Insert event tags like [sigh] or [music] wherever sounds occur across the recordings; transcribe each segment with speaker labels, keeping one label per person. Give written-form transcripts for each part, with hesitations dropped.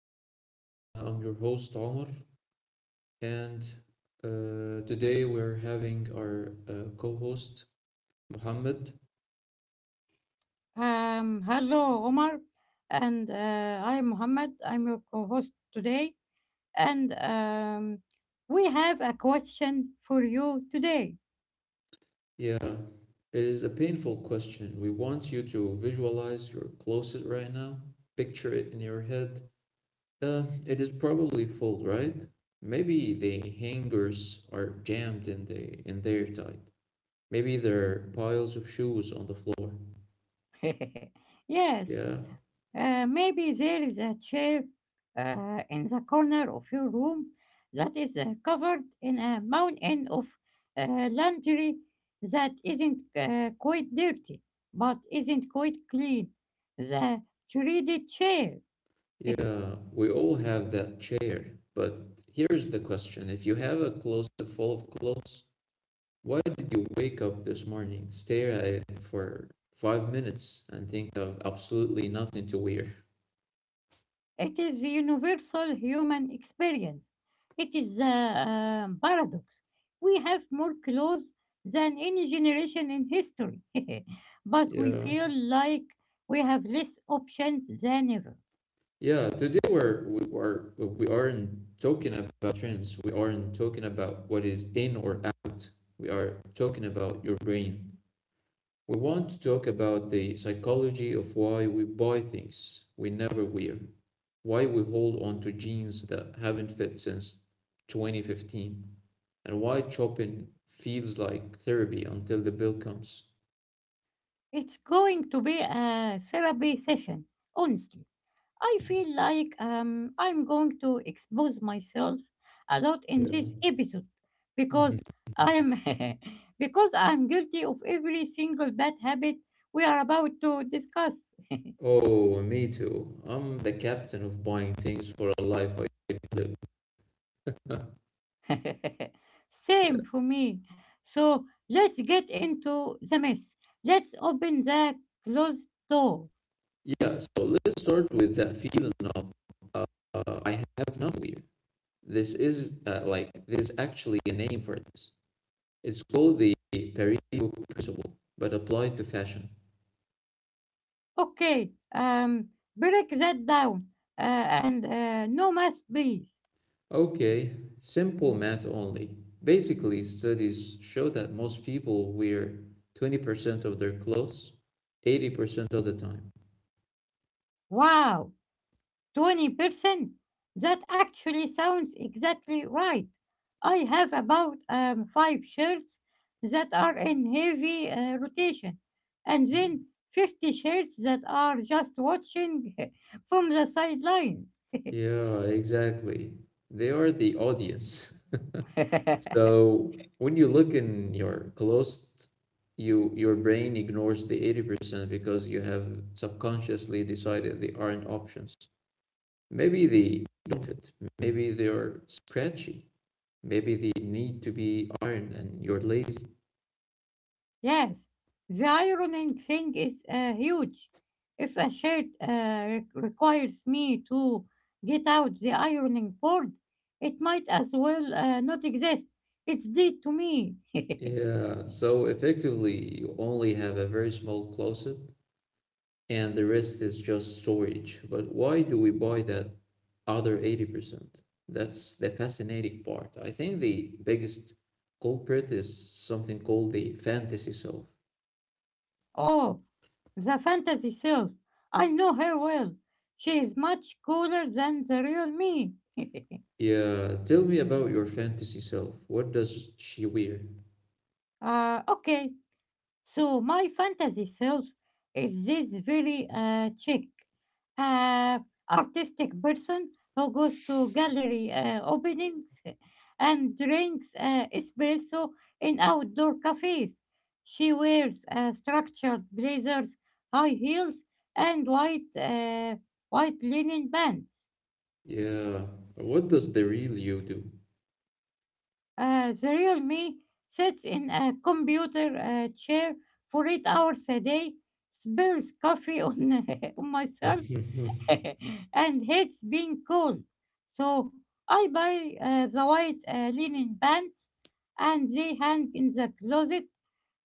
Speaker 1: back. I'm your host, Omar, and today we're having our co host, Muhammad.
Speaker 2: Hello, Omar, and I'm Mohammed. I'm your co-host today, and we have a question for you today.
Speaker 1: Yeah, it is a painful question. We want you to visualize your closet right now, picture it in your head. It is probably full, right? Maybe the hangers are jammed in, in there tight. Maybe there are piles of shoes on the floor.
Speaker 2: [laughs] Yes,
Speaker 1: Yeah.
Speaker 2: maybe there is a chair in the corner of your room that is covered in a mountain of laundry that isn't quite dirty, but isn't quite clean. The shredded chair. [laughs]
Speaker 1: Yeah, we all have that chair. But here's the question. If you have a closet full of clothes, why did you wake up this morning, stare at it for 5 minutes, and think of absolutely nothing to wear?
Speaker 2: It is a universal human experience. It is the paradox. We have more clothes than any generation in history, [laughs] but we
Speaker 1: Yeah.
Speaker 2: feel like we have less options than ever.
Speaker 1: Yeah, today we aren't talking about trends. We aren't talking about what is in or out. We are talking about your brain. We want to talk about the psychology of why we buy things we never wear, why we hold on to jeans that haven't fit since 2015, and why shopping feels like therapy until the bill comes.
Speaker 2: It's going to be a therapy session, honestly. I feel like I'm going to expose myself a lot in
Speaker 1: Yeah.
Speaker 2: this episode because
Speaker 1: [laughs]
Speaker 2: I'm [laughs] because I'm guilty of every single bad habit we are about to discuss. [laughs]
Speaker 1: Oh, me too. I'm the captain of buying things for a life I live. [laughs] Yeah.
Speaker 2: Same for me. So let's get into the mess. Let's open the closed door.
Speaker 1: Yeah, so let's start with that feeling of I have not weird. This is like there's actually a name for this. It's called the Pareto principle, but applied to fashion.
Speaker 2: Okay, break that down and no mess, please.
Speaker 1: Okay, simple math only. Basically, studies show that most people wear 20% of their clothes 80% of the time.
Speaker 2: Wow. 20%. That actually sounds exactly right. I have about five shirts that are in heavy rotation, and then 50 shirts that are just watching [laughs] from the sidelines.
Speaker 1: Yeah, exactly. They are the audience. [laughs]
Speaker 2: [laughs]
Speaker 1: So when you look in your closed, your brain ignores the 80% because you have subconsciously decided they aren't options. Maybe they don't fit. Maybe they're scratchy. Maybe they need to be ironed and you're lazy.
Speaker 2: Yes, the ironing thing is huge. If a shirt requires me to get out the ironing board, it might as well not exist. It's dead to me. [laughs]
Speaker 1: Yeah, so effectively, you only have a very small closet and the rest is just storage. But why do we buy that other 80%? That's the fascinating part. I think the biggest culprit is something called the fantasy self.
Speaker 2: Oh, the fantasy self. I know her well. She is much cooler than the real me.
Speaker 1: Yeah, tell me about your fantasy self. What does she wear?
Speaker 2: Okay, so my fantasy self is this very chic, uh, artistic person who goes to gallery openings and drinks espresso in outdoor cafes. She wears structured blazers, high heels, and white linen pants.
Speaker 1: Yeah. What does the real you do?
Speaker 2: The real me sits in a computer chair for 8 hours a day, spills coffee on, [laughs] on myself, [laughs]
Speaker 1: [laughs]
Speaker 2: and hates being cold. So I buy the white linen pants and they hang in the closet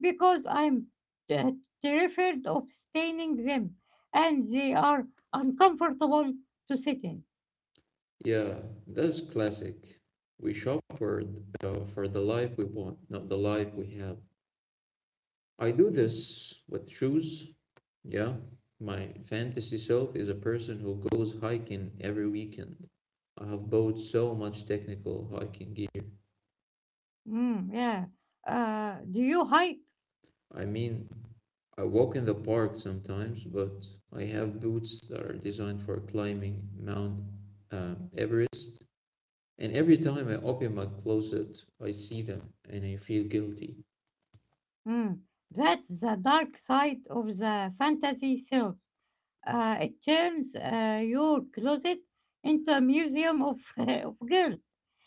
Speaker 2: because I'm uh, terrified of staining them and they are uncomfortable to sit in.
Speaker 1: Yeah, that's classic. We shop for, for the life we want, not the life we have. I do this with shoes. Yeah, my fantasy self is a person who goes hiking every weekend. I have bought so much technical hiking gear.
Speaker 2: Mm, yeah. Do you hike?
Speaker 1: I mean, I walk in the park sometimes, but I have boots that are designed for climbing Mount Everest. And every time I open my closet, I see them and I feel guilty.
Speaker 2: Mm. That's the dark side of the fantasy show. It turns your closet into a museum of, [laughs] of girls.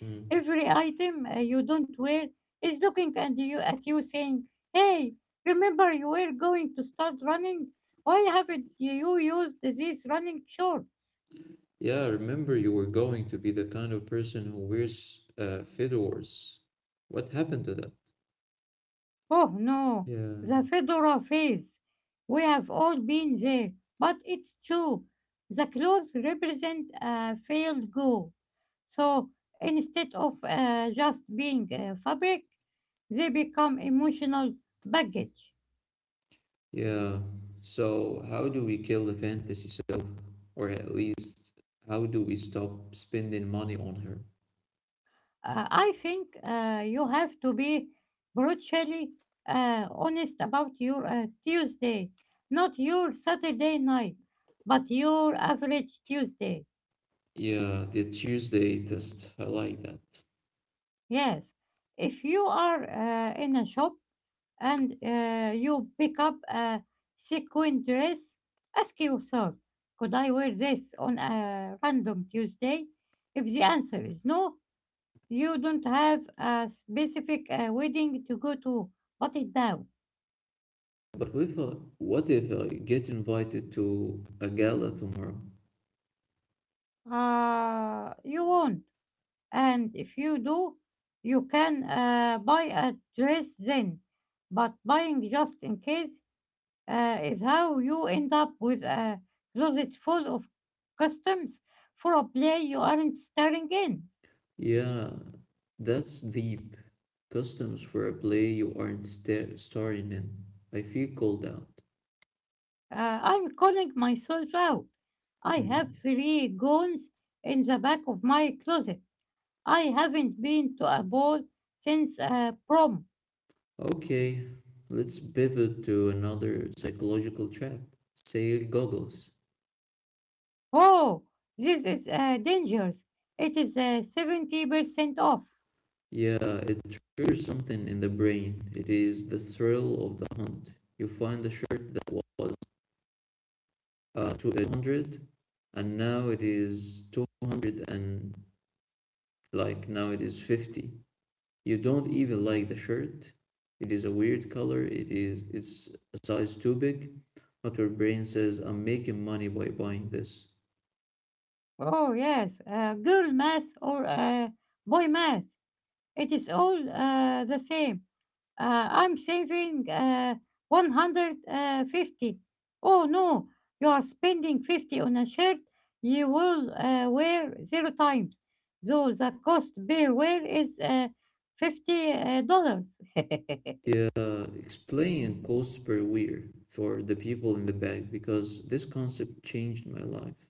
Speaker 1: Mm.
Speaker 2: Every item you don't wear is looking at you, saying, hey, remember you were going to start running? Why haven't you used these running shorts?
Speaker 1: Yeah, I remember you were going to be the kind of person who wears fedoras. What happened to that?
Speaker 2: Oh no,
Speaker 1: Yeah,
Speaker 2: the fedora phase. We have all been there, but it's true. The clothes represent a failed goal. So instead of just being fabric, they become emotional baggage.
Speaker 1: yeah. So, how do we kill the fantasy self? Or at least, how do we stop spending money on her?
Speaker 2: I think you have to be brutally honest about your Tuesday, not your Saturday night, but your average Tuesday.
Speaker 1: Yeah, the Tuesday test. I like that.
Speaker 2: Yes, if you are in a shop and you pick up a sequin dress, ask yourself, could I wear this on a random Tuesday? If the answer is no, you don't have a specific wedding to go to, but it down.
Speaker 1: But what if I get invited to a gala tomorrow?
Speaker 2: You won't. And if you do, you can buy a dress then. But buying just in case is how you end up with a closet full of customs for a play you aren't starring in.
Speaker 1: Yeah, that's deep. Customs for a play you aren't starring in. I feel called out.
Speaker 2: I'm calling myself out. I have
Speaker 1: Hmm.
Speaker 2: three goons in the back of my closet. I haven't been to a ball since prom.
Speaker 1: Okay, let's pivot to another psychological trap. Sale goggles.
Speaker 2: Oh, this is dangerous. It is 70% off.
Speaker 1: Yeah, it triggers something in the brain. It is the thrill of the hunt. You find a shirt that was 200 and now it is 200 and like now it is 50. You don't even like the shirt. It is a weird color. It's a size too big. But your brain says, I'm making money by buying this.
Speaker 2: Oh, yes, girl math or boy math. It is all the same. uh, I'm saving 150. Oh no, you are spending 50 on a shirt you will wear zero times. So the cost per wear is $50. [laughs]
Speaker 1: Yeah, explain cost per wear for the people in the back because this concept changed my life.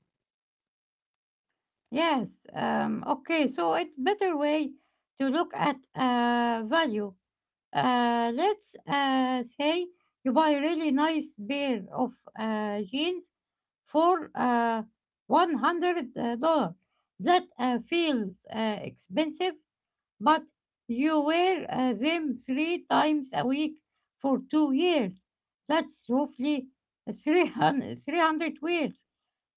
Speaker 2: Yes, okay, so it's better way to look at value. Let's say you buy a really nice pair of jeans for $100. That feels expensive, but you wear them three times a week for 2 years. That's roughly three hundred three hundred 300 wears.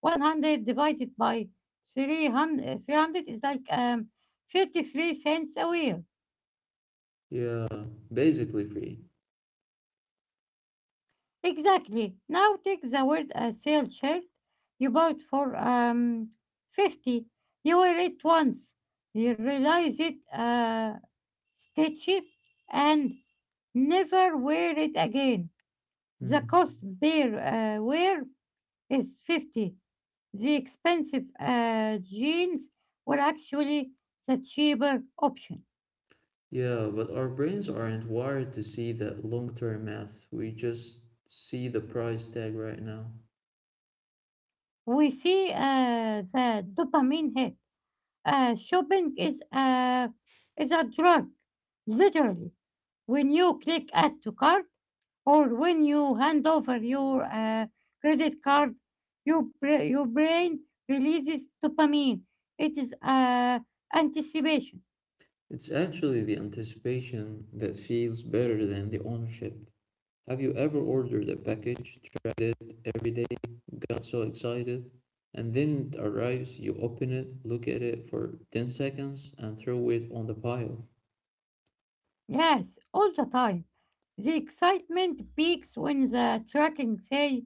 Speaker 2: 100 divided by three hundred is like 33 cents a wear.
Speaker 1: Yeah, basically free.
Speaker 2: Exactly. Now take the word a sale shirt you bought for 50. You wear it once. You realize it stitchy and never wear it again. The
Speaker 1: Hmm.
Speaker 2: cost bear wear is 50. The expensive jeans were actually the cheaper option.
Speaker 1: Yeah, but our brains aren't wired to see that long-term math. We just see the price tag right now.
Speaker 2: We see the dopamine hit. Shopping is a drug, literally. When you click add to cart or when you hand over your credit card, your brain releases dopamine. It is anticipation.
Speaker 1: It's actually the anticipation that feels better than the ownership. Have you ever ordered a package, tried it every day, got so excited, and then it arrives, you open it, look at it for 10 seconds, and throw it on the pile?
Speaker 2: Yes, all the time. The excitement peaks when the tracking say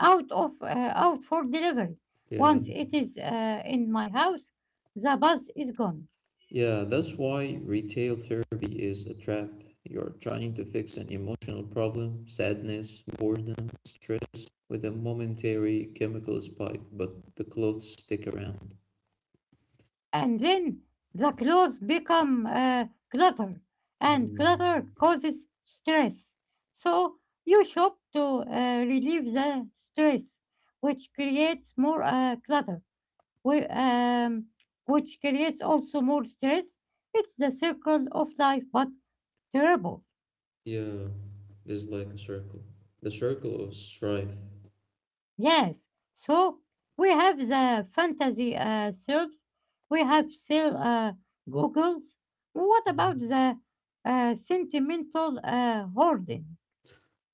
Speaker 2: out of out for delivery.
Speaker 1: Yeah.
Speaker 2: Once it is in my house, the buzz is gone.
Speaker 1: Yeah, that's why retail therapy is a trap. You're trying to fix an emotional problem, sadness, boredom, stress, with a momentary chemical spike, but the clothes stick around.
Speaker 2: And then the clothes become clutter, and
Speaker 1: Mm.
Speaker 2: clutter causes stress. So you shop to relieve the stress, which creates more clutter, whi- um, which creates also more stress. It's the circle of life, but terrible.
Speaker 1: Yeah, it's like a circle. The circle of strife.
Speaker 2: Yes. So we have the fantasy search. We have still Googles. What about
Speaker 1: Mhm.
Speaker 2: the sentimental hoarding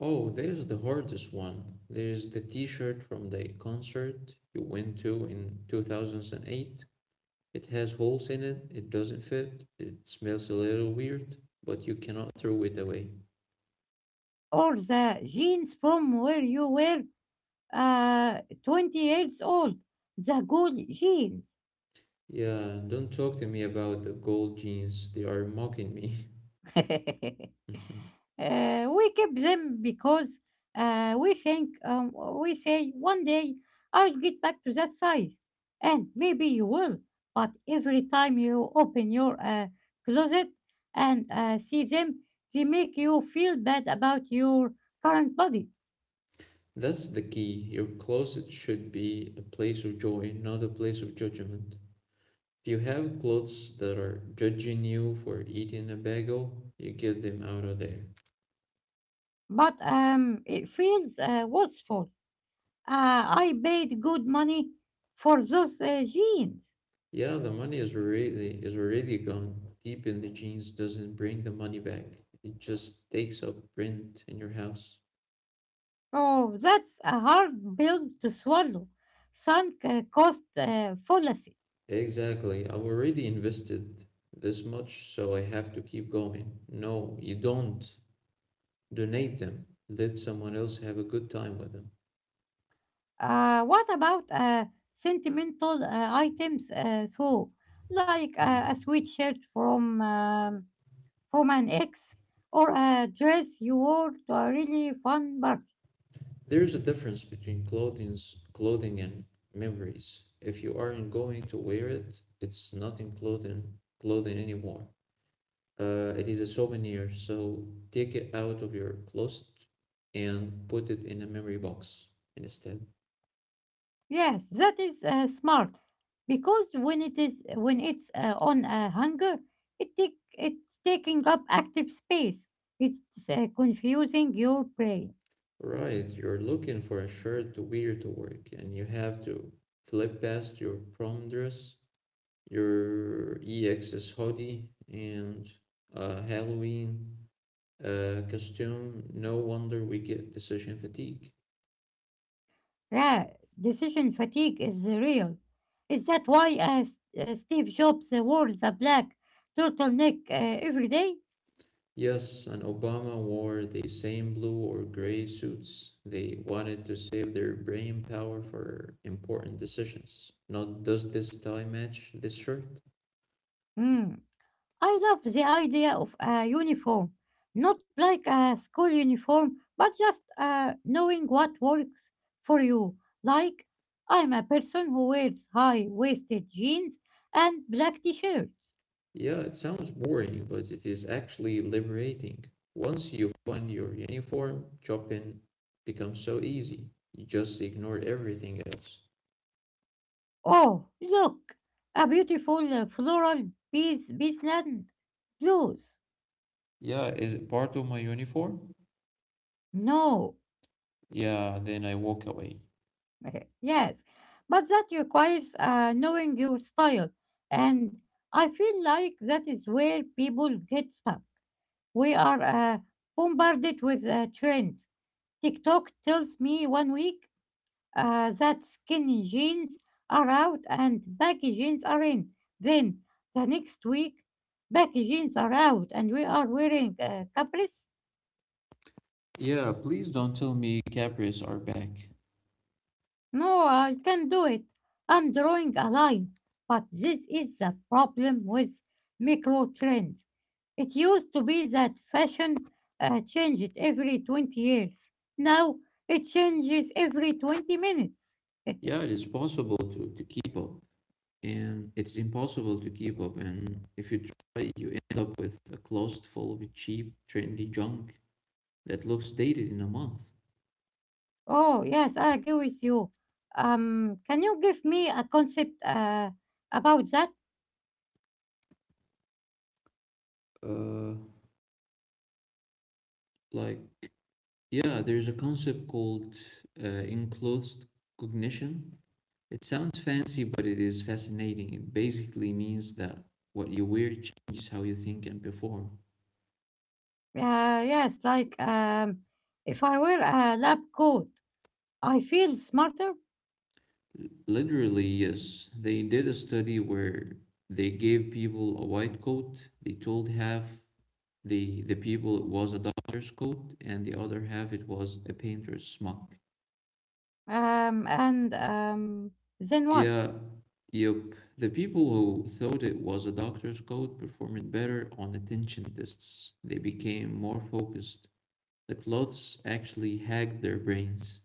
Speaker 1: Oh, there's the hardest one. There's the t-shirt from the concert you went to in 2008. It has holes in it, it doesn't fit, it smells a little weird, but you cannot throw it away.
Speaker 2: or the jeans from where you were 20 years old? The good jeans.
Speaker 1: Yeah, don't talk to me about the gold jeans, they are mocking me. [laughs]
Speaker 2: [laughs]
Speaker 1: Mhm.
Speaker 2: We keep them because uh, we think, um, we say, one day I'll get back to that size. And maybe you will, but every time you open your closet and see them, they make you feel bad about your current body.
Speaker 1: That's the key. Your closet should be a place of joy, not a place of judgment. Do you have clothes that are judging you for eating a bagel? You get them out of there.
Speaker 2: But it feels wasteful. Uh, I paid good money for those jeans.
Speaker 1: Yeah, the money is already gone. Deep in the jeans doesn't bring the money back. It just takes up rent in your house.
Speaker 2: Oh, that's a hard pill to swallow. Sunk cost fallacy.
Speaker 1: Exactly. I've already invested this much, so I have to keep going. No, you don't. Donate them. Let someone else have a good time with them.
Speaker 2: What about sentimental items, though, like
Speaker 1: Hmm.
Speaker 2: a sweatshirt from an ex or a dress you wore to a really fun party?
Speaker 1: There is a difference between clothing and memories. If you aren't going to wear it, it's not clothing anymore. It is a souvenir, so take it out of your closet and put it in a memory box instead.
Speaker 2: Yes, that is smart because when it's on a hanger, it's taking up active space. It's confusing your brain.
Speaker 1: Right, you're looking for a shirt to wear to work, and you have to flip past your prom dress, your EXS hoodie, and Halloween costume. No wonder we get decision fatigue.
Speaker 2: Yeah, decision fatigue is real. Is that why Steve Jobs wore the black turtleneck every day?
Speaker 1: Yes, and Obama wore the same blue or gray suits. They wanted to save their brain power for important decisions. Not does this tie match this shirt?
Speaker 2: Hmm. I love the idea of a uniform, not like a school uniform, but just knowing what works for you. Like, I'm a person who wears high-waisted jeans and black t-shirts.
Speaker 1: Yeah, it sounds boring, but it is actually liberating. Once you find your uniform, shopping becomes so easy. You just ignore everything else.
Speaker 2: Oh, look, a beautiful floral beesland blues.
Speaker 1: Yeah, is it part of my uniform?
Speaker 2: No,
Speaker 1: Yeah, then I walk away.
Speaker 2: yes, but that requires knowing your style, and I feel like that is where people get stuck. We are bombarded with trends. TikTok tells me one week that skinny jeans are out and baggy jeans are in. Then the next week, baggy jeans are out and we are wearing capris.
Speaker 1: Yeah, please don't tell me Capris are back.
Speaker 2: No, I can do it. I'm drawing a line. But this is the problem with micro trends. It used to be that fashion changed every 20 years. Now it changes every 20 minutes. [laughs]
Speaker 1: Yeah, it is possible to keep up, and it's impossible to keep up. And if you try, you end up with a closet full of cheap, trendy junk that looks dated in a month.
Speaker 2: Oh, yes, I agree with you. Can you give me a concept about that?
Speaker 1: Uh, like, yeah, there's a concept called uh, enclosed cognition. It sounds fancy, but it is fascinating. It basically means that what you wear changes how you think and perform.
Speaker 2: Yes, like if I wear a lab coat, I feel smarter.
Speaker 1: Literally, yes. They did a study where they gave people a white coat. They told half the people it was a doctor's coat, and the other half it was a painter's smock.
Speaker 2: And then what?
Speaker 1: Yeah, yep. The people who thought it was a doctor's coat performed better on attention tests. They became more focused. The clothes actually hacked their brains.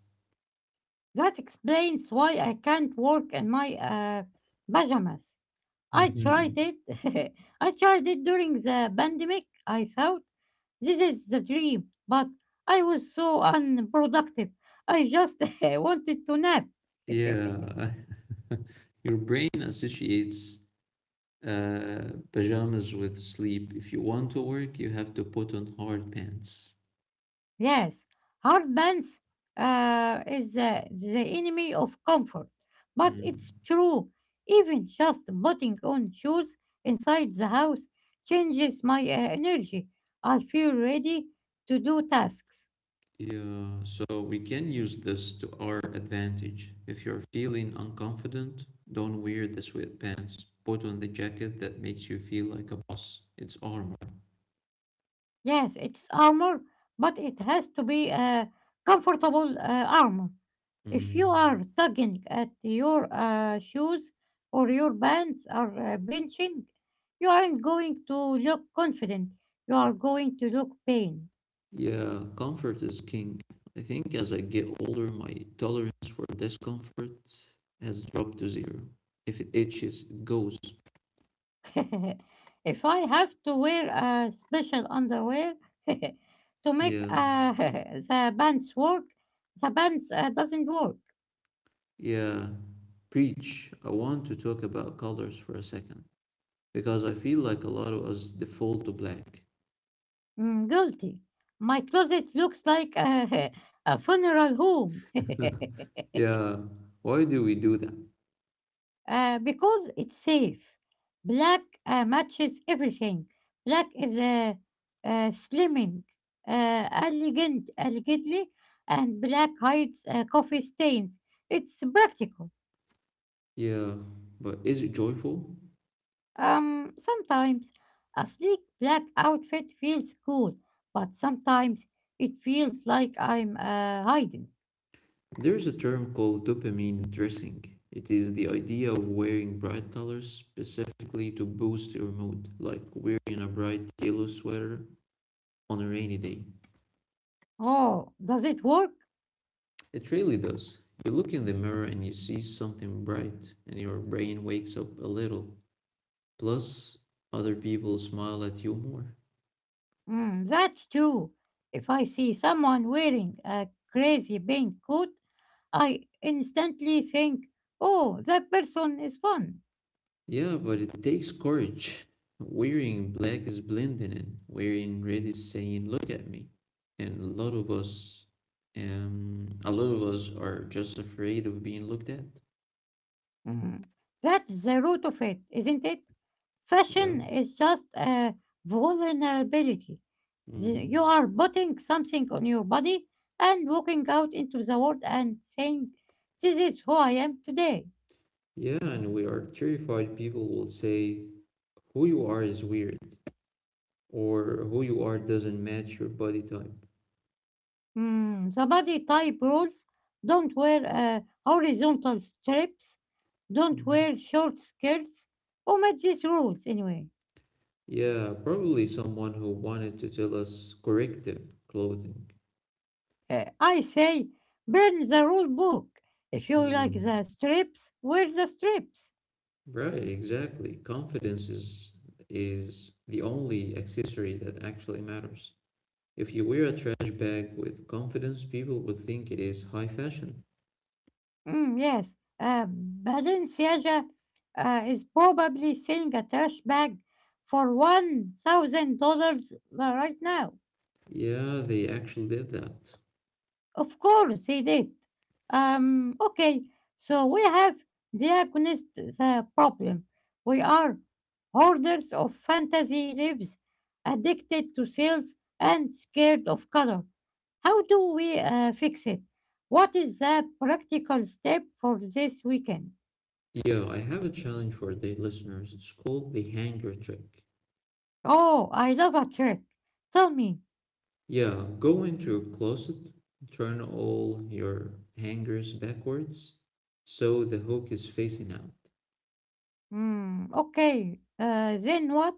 Speaker 2: That explains why I can't work in my pajamas. I tried
Speaker 1: Mhm.
Speaker 2: it. [laughs] I tried it during the pandemic. I thought this is the dream, but I was so unproductive. I just [laughs] wanted to nap. [laughs]
Speaker 1: Yeah. [laughs] Your brain associates pajamas with sleep. If you want to work, you have to put on hard pants.
Speaker 2: Yes, hardbands is the enemy of comfort, but
Speaker 1: Mm.
Speaker 2: it's true. Even just putting on shoes inside the house changes my energy. I feel ready to do tasks.
Speaker 1: Yeah, so we can use this to our advantage. If you're feeling unconfident, don't wear the sweatpants. Put on the jacket that makes you feel like a boss. It's armor.
Speaker 2: Yes, it's armor, but it has to be a comfortable armor. If you
Speaker 1: Mm.
Speaker 2: are tugging at your shoes or your pants are pinching, you aren't going to look confident. You are going to look pained.
Speaker 1: Yeah, comfort is king. I think as I get older, my tolerance for discomfort has dropped to zero. If it itches, it goes.
Speaker 2: [laughs] If I have to wear a special underwear [laughs] to make
Speaker 1: Yeah.
Speaker 2: [laughs] the pants work, the pants doesn't work.
Speaker 1: Yeah, preach. I want to talk about colors for a second because I feel like a lot of us default to black.
Speaker 2: Mm, guilty. My closet looks like a, [laughs] a funeral home.
Speaker 1: [laughs] Yeah, why do we do that?
Speaker 2: [laughs] Because it's safe. Black matches everything. Black is slimming, elegant, and black hides coffee stains. It's practical.
Speaker 1: Yeah, but is it joyful?
Speaker 2: Sometimes a sleek black outfit feels cool, but sometimes it feels like I'm hiding.
Speaker 1: There's a term called dopamine dressing. It is the idea of wearing bright colors specifically to boost your mood, like wearing a bright yellow sweater on a rainy day.
Speaker 2: Oh, does it work?
Speaker 1: It really does. You look in the mirror and you see something bright, and your brain wakes up a little. Plus, other people smile at you more.
Speaker 2: Mm, that's true. If I see someone wearing a crazy pink coat, I instantly think, oh, that person is fun.
Speaker 1: Yeah, but it takes courage. Wearing black is blending in. Wearing red is saying, look at me. And a lot of us, are just afraid of being looked at.
Speaker 2: Mhm. That's the root of it, isn't it?
Speaker 1: Yeah.
Speaker 2: Fashion is just a vulnerability.
Speaker 1: Mm.
Speaker 2: You are putting something on your body and walking out into the world and saying, this is who I am today.
Speaker 1: Yeah, and we are terrified people will say, who you are is weird, or who you are doesn't match your body type.
Speaker 2: Mm, the body type rules. Don't wear horizontal strips. Don't
Speaker 1: Mhm.
Speaker 2: wear short skirts. Omit these rules anyway.
Speaker 1: Yeah, probably someone who wanted to tell us corrective clothing.
Speaker 2: I say burn the rule book. If you like the
Speaker 1: Mm,
Speaker 2: strips, wear the strips.
Speaker 1: right, exactly. Confidence is the only accessory that actually matters. If you wear a trash bag with confidence, people would think it is high fashion.
Speaker 2: Mm, yes, Balenciaga is probably selling a trash bag for $1,000 right now.
Speaker 1: Yeah, they actually did that.
Speaker 2: Of course he did. Okay, so we have diagnosed the problem. We are hoarders of fantasy lives, addicted to sales and scared of color. How do we fix it? What is the practical step for this weekend?
Speaker 1: Yeah, I have a challenge for the listeners. It's called the hanger trick.
Speaker 2: Oh, I love a trick. Tell me.
Speaker 1: Yeah, go into your closet, turn all your hangers backwards so the hook is facing out.
Speaker 2: Hmm, okay, then what?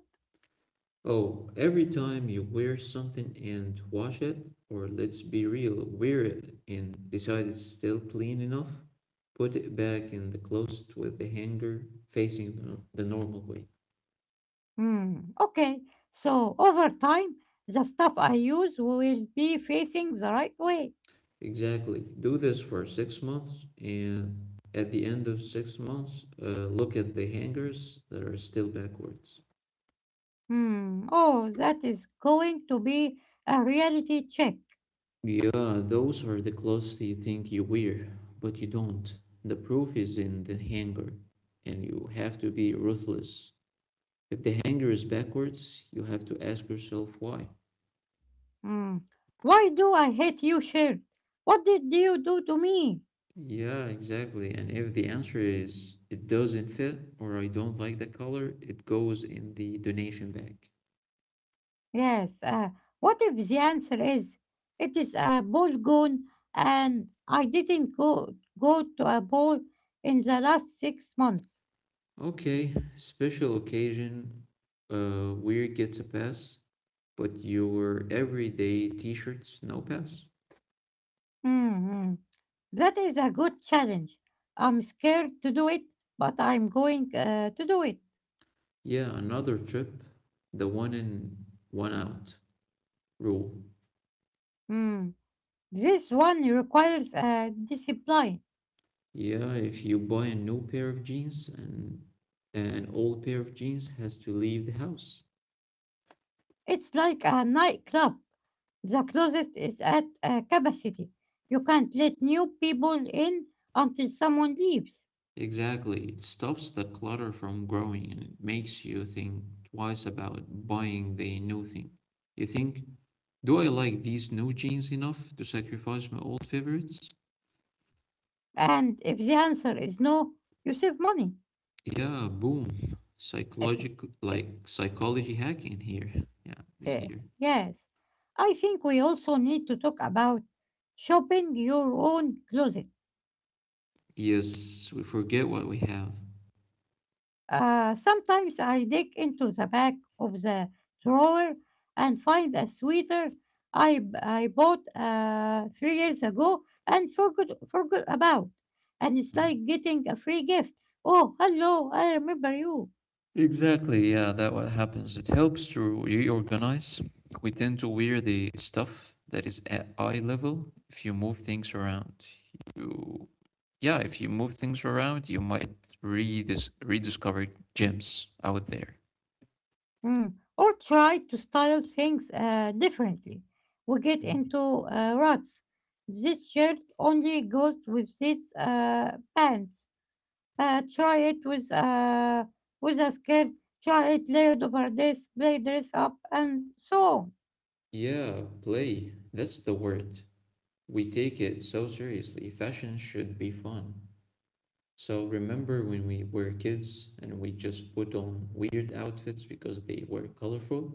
Speaker 1: Oh, every time you wear something and wash it, or let's be real, wear it and decide it's still clean enough, put it back in the closet with the hanger facing the normal way.
Speaker 2: Hmm. Okay, so over time, the stuff I use will be facing the right way.
Speaker 1: Exactly. Do this for 6 months, and at the end of 6 months, look at the hangers that are still backwards.
Speaker 2: Hmm. Oh, that is going to be a reality check.
Speaker 1: Yeah, those are the clothes you think you wear, but you don't. The proof is in the hanger, and you have to be ruthless. If the hanger is backwards, you have to ask yourself why.
Speaker 2: Hmm. Why do I hate you, shirt? What did you do to me?
Speaker 1: Yeah, exactly. And if the answer is it doesn't fit or I don't like the color, it goes in the donation bag.
Speaker 2: Yes, what if the answer is it is a ball gone and I didn't go to a ball in the last 6 months?
Speaker 1: Okay, special occasion, weird gets a pass, but your everyday t shirts, no pass.
Speaker 2: Hmm. That is a good challenge. I'm scared to do it, but I'm going to do it.
Speaker 1: Yeah, another trip, the one in, one out rule.
Speaker 2: Hmm. This one requires discipline.
Speaker 1: Yeah, if you buy a new pair of jeans and an old pair of jeans has to leave the house.
Speaker 2: It's like a nightclub. The closet is at capacity. You can't let new people in until someone leaves.
Speaker 1: Exactly. It stops the clutter from growing and it makes you think twice about buying the new thing. You think, do I like these new jeans enough to sacrifice my old favorites?
Speaker 2: And if the answer is no, you save money.
Speaker 1: Yeah, boom. Psychological,
Speaker 2: [laughs]
Speaker 1: like psychology hack in here. Yeah, is here.
Speaker 2: Yes. I think we also need to talk about shopping your own closet.
Speaker 1: Yes, we forget what we have.
Speaker 2: Sometimes I dig into the back of the drawer and find a sweater I bought 3 years ago and forgot about. And it's
Speaker 1: Mm.
Speaker 2: like getting a free gift. Oh, hello, I remember you.
Speaker 1: Exactly, yeah, that what happens. It helps to reorganize. We tend to wear the stuff that is at eye level. If you move things around, you yeah, if you move things around, you might rediscover gems out there.
Speaker 2: Mm. Or try to style things differently. We get
Speaker 1: Mm.
Speaker 2: into ruts. This shirt only goes with these pants. Try it with a skirt. Try it layered over this. Play dress up and so on.
Speaker 1: Yeah, play. That's the word. We take it so seriously. Fashion should be fun. So remember when we were kids and we just put on weird outfits because they were colorful?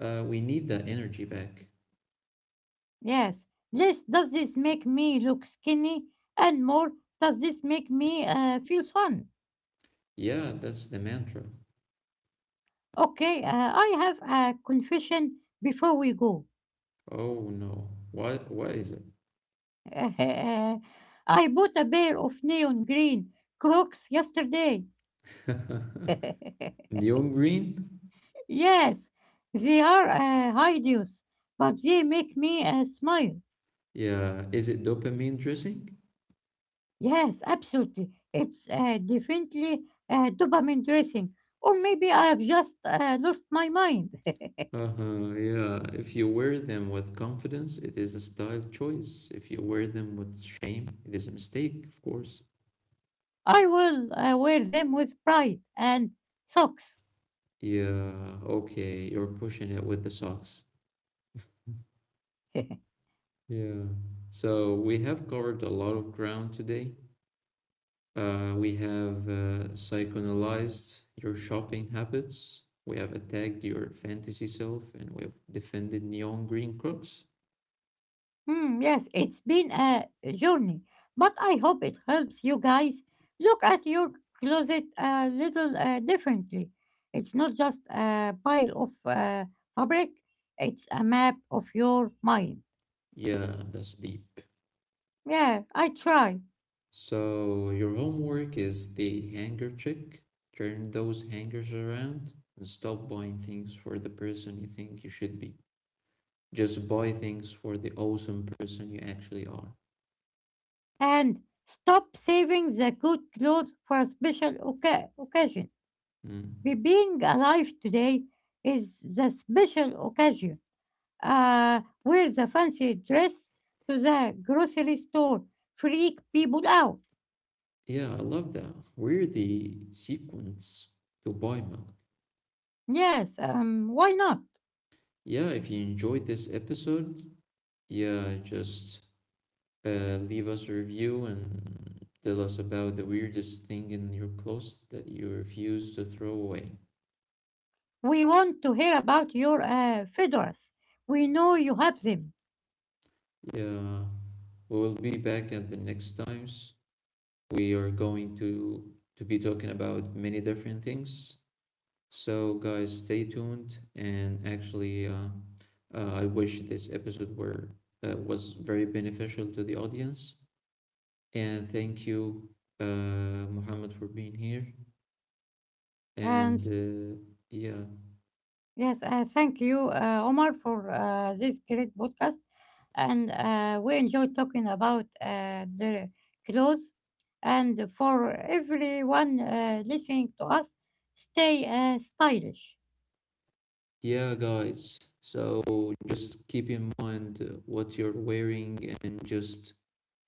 Speaker 1: We need that energy back.
Speaker 2: Yes. Less does this make me look skinny, and more does this make me feel fun.
Speaker 1: Yeah, that's the mantra.
Speaker 2: Okay. I have a confession before we go.
Speaker 1: Oh no. What is
Speaker 2: [laughs] I bought a pair of neon green Crocs yesterday.
Speaker 1: it? [laughs]
Speaker 2: [laughs]
Speaker 1: Neon green?
Speaker 2: Yes, they are hideous, but they make me smile.
Speaker 1: Yeah, is it dopamine dressing?
Speaker 2: Yes, absolutely. It's definitely dopamine dressing. Or maybe I have just lost my mind.
Speaker 1: Uh-huh, yeah. If you wear them with confidence, it is a style choice. If you wear them with shame, it is a mistake, of course.
Speaker 2: [laughs] I will wear them with pride and socks. [laughs]
Speaker 1: Yeah, okay, you're pushing it with the socks. Yeah. So we have covered a lot of ground today. We have psychoanalyzed your shopping habits. We have attacked your fantasy self and we have defended neon green crooks.
Speaker 2: Hmm, yes, it's been a journey, but I hope it helps you guys look at your closet a little differently. It's not just a pile of fabric, it's a map of your mind.
Speaker 1: Yeah, that's deep.
Speaker 2: Yeah, I try.
Speaker 1: So, your homework is the hanger trick. Turn those hangers around and stop buying things for the person you think you should be. Just buy things for the awesome person you actually are.
Speaker 2: And stop saving the good clothes for a special occasion.
Speaker 1: Mm.
Speaker 2: Being alive today is the special occasion. Wear the fancy dress to the grocery store, freak people out.
Speaker 1: Yeah, I love that. We're the sequence to buy milk.
Speaker 2: Yes, why not?
Speaker 1: Yeah, if you enjoyed this episode, yeah, just leave us a review and tell us about the weirdest thing in your closet that you refuse to throw away.
Speaker 2: We want to hear about your fedoras. We know you have them.
Speaker 1: Yeah, we will be back at the next times. We are going to be talking about many different things. So guys, stay tuned. And actually, I wish this episode were was very beneficial to the audience. And thank you, Muhammad, for being here. And
Speaker 2: And
Speaker 1: yeah,
Speaker 2: yes, thank you, Omar, for this great podcast. And we enjoyed talking about the clothes. And for everyone listening to us, stay stylish.
Speaker 1: yeah, guys. So just keep in mind what you're wearing and just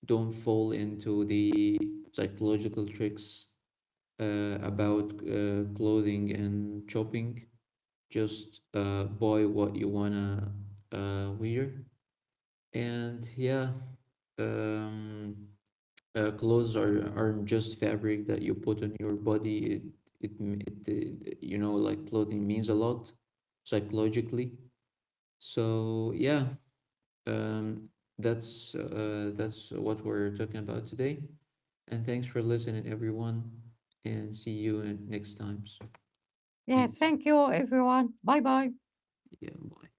Speaker 1: don't fall into the psychological tricks about clothing and shopping. Just buy what you wanna wear. And yeah, um, clothes aren't just fabric that you put on your body. It, m- it You know like clothing means a lot psychologically. So yeah, um, that's what we're talking about today. And thanks for listening, everyone. And see you in next times.
Speaker 2: Yeah,
Speaker 1: Thank you.
Speaker 2: thank you, everyone. Bye bye.
Speaker 1: Yeah. Bye.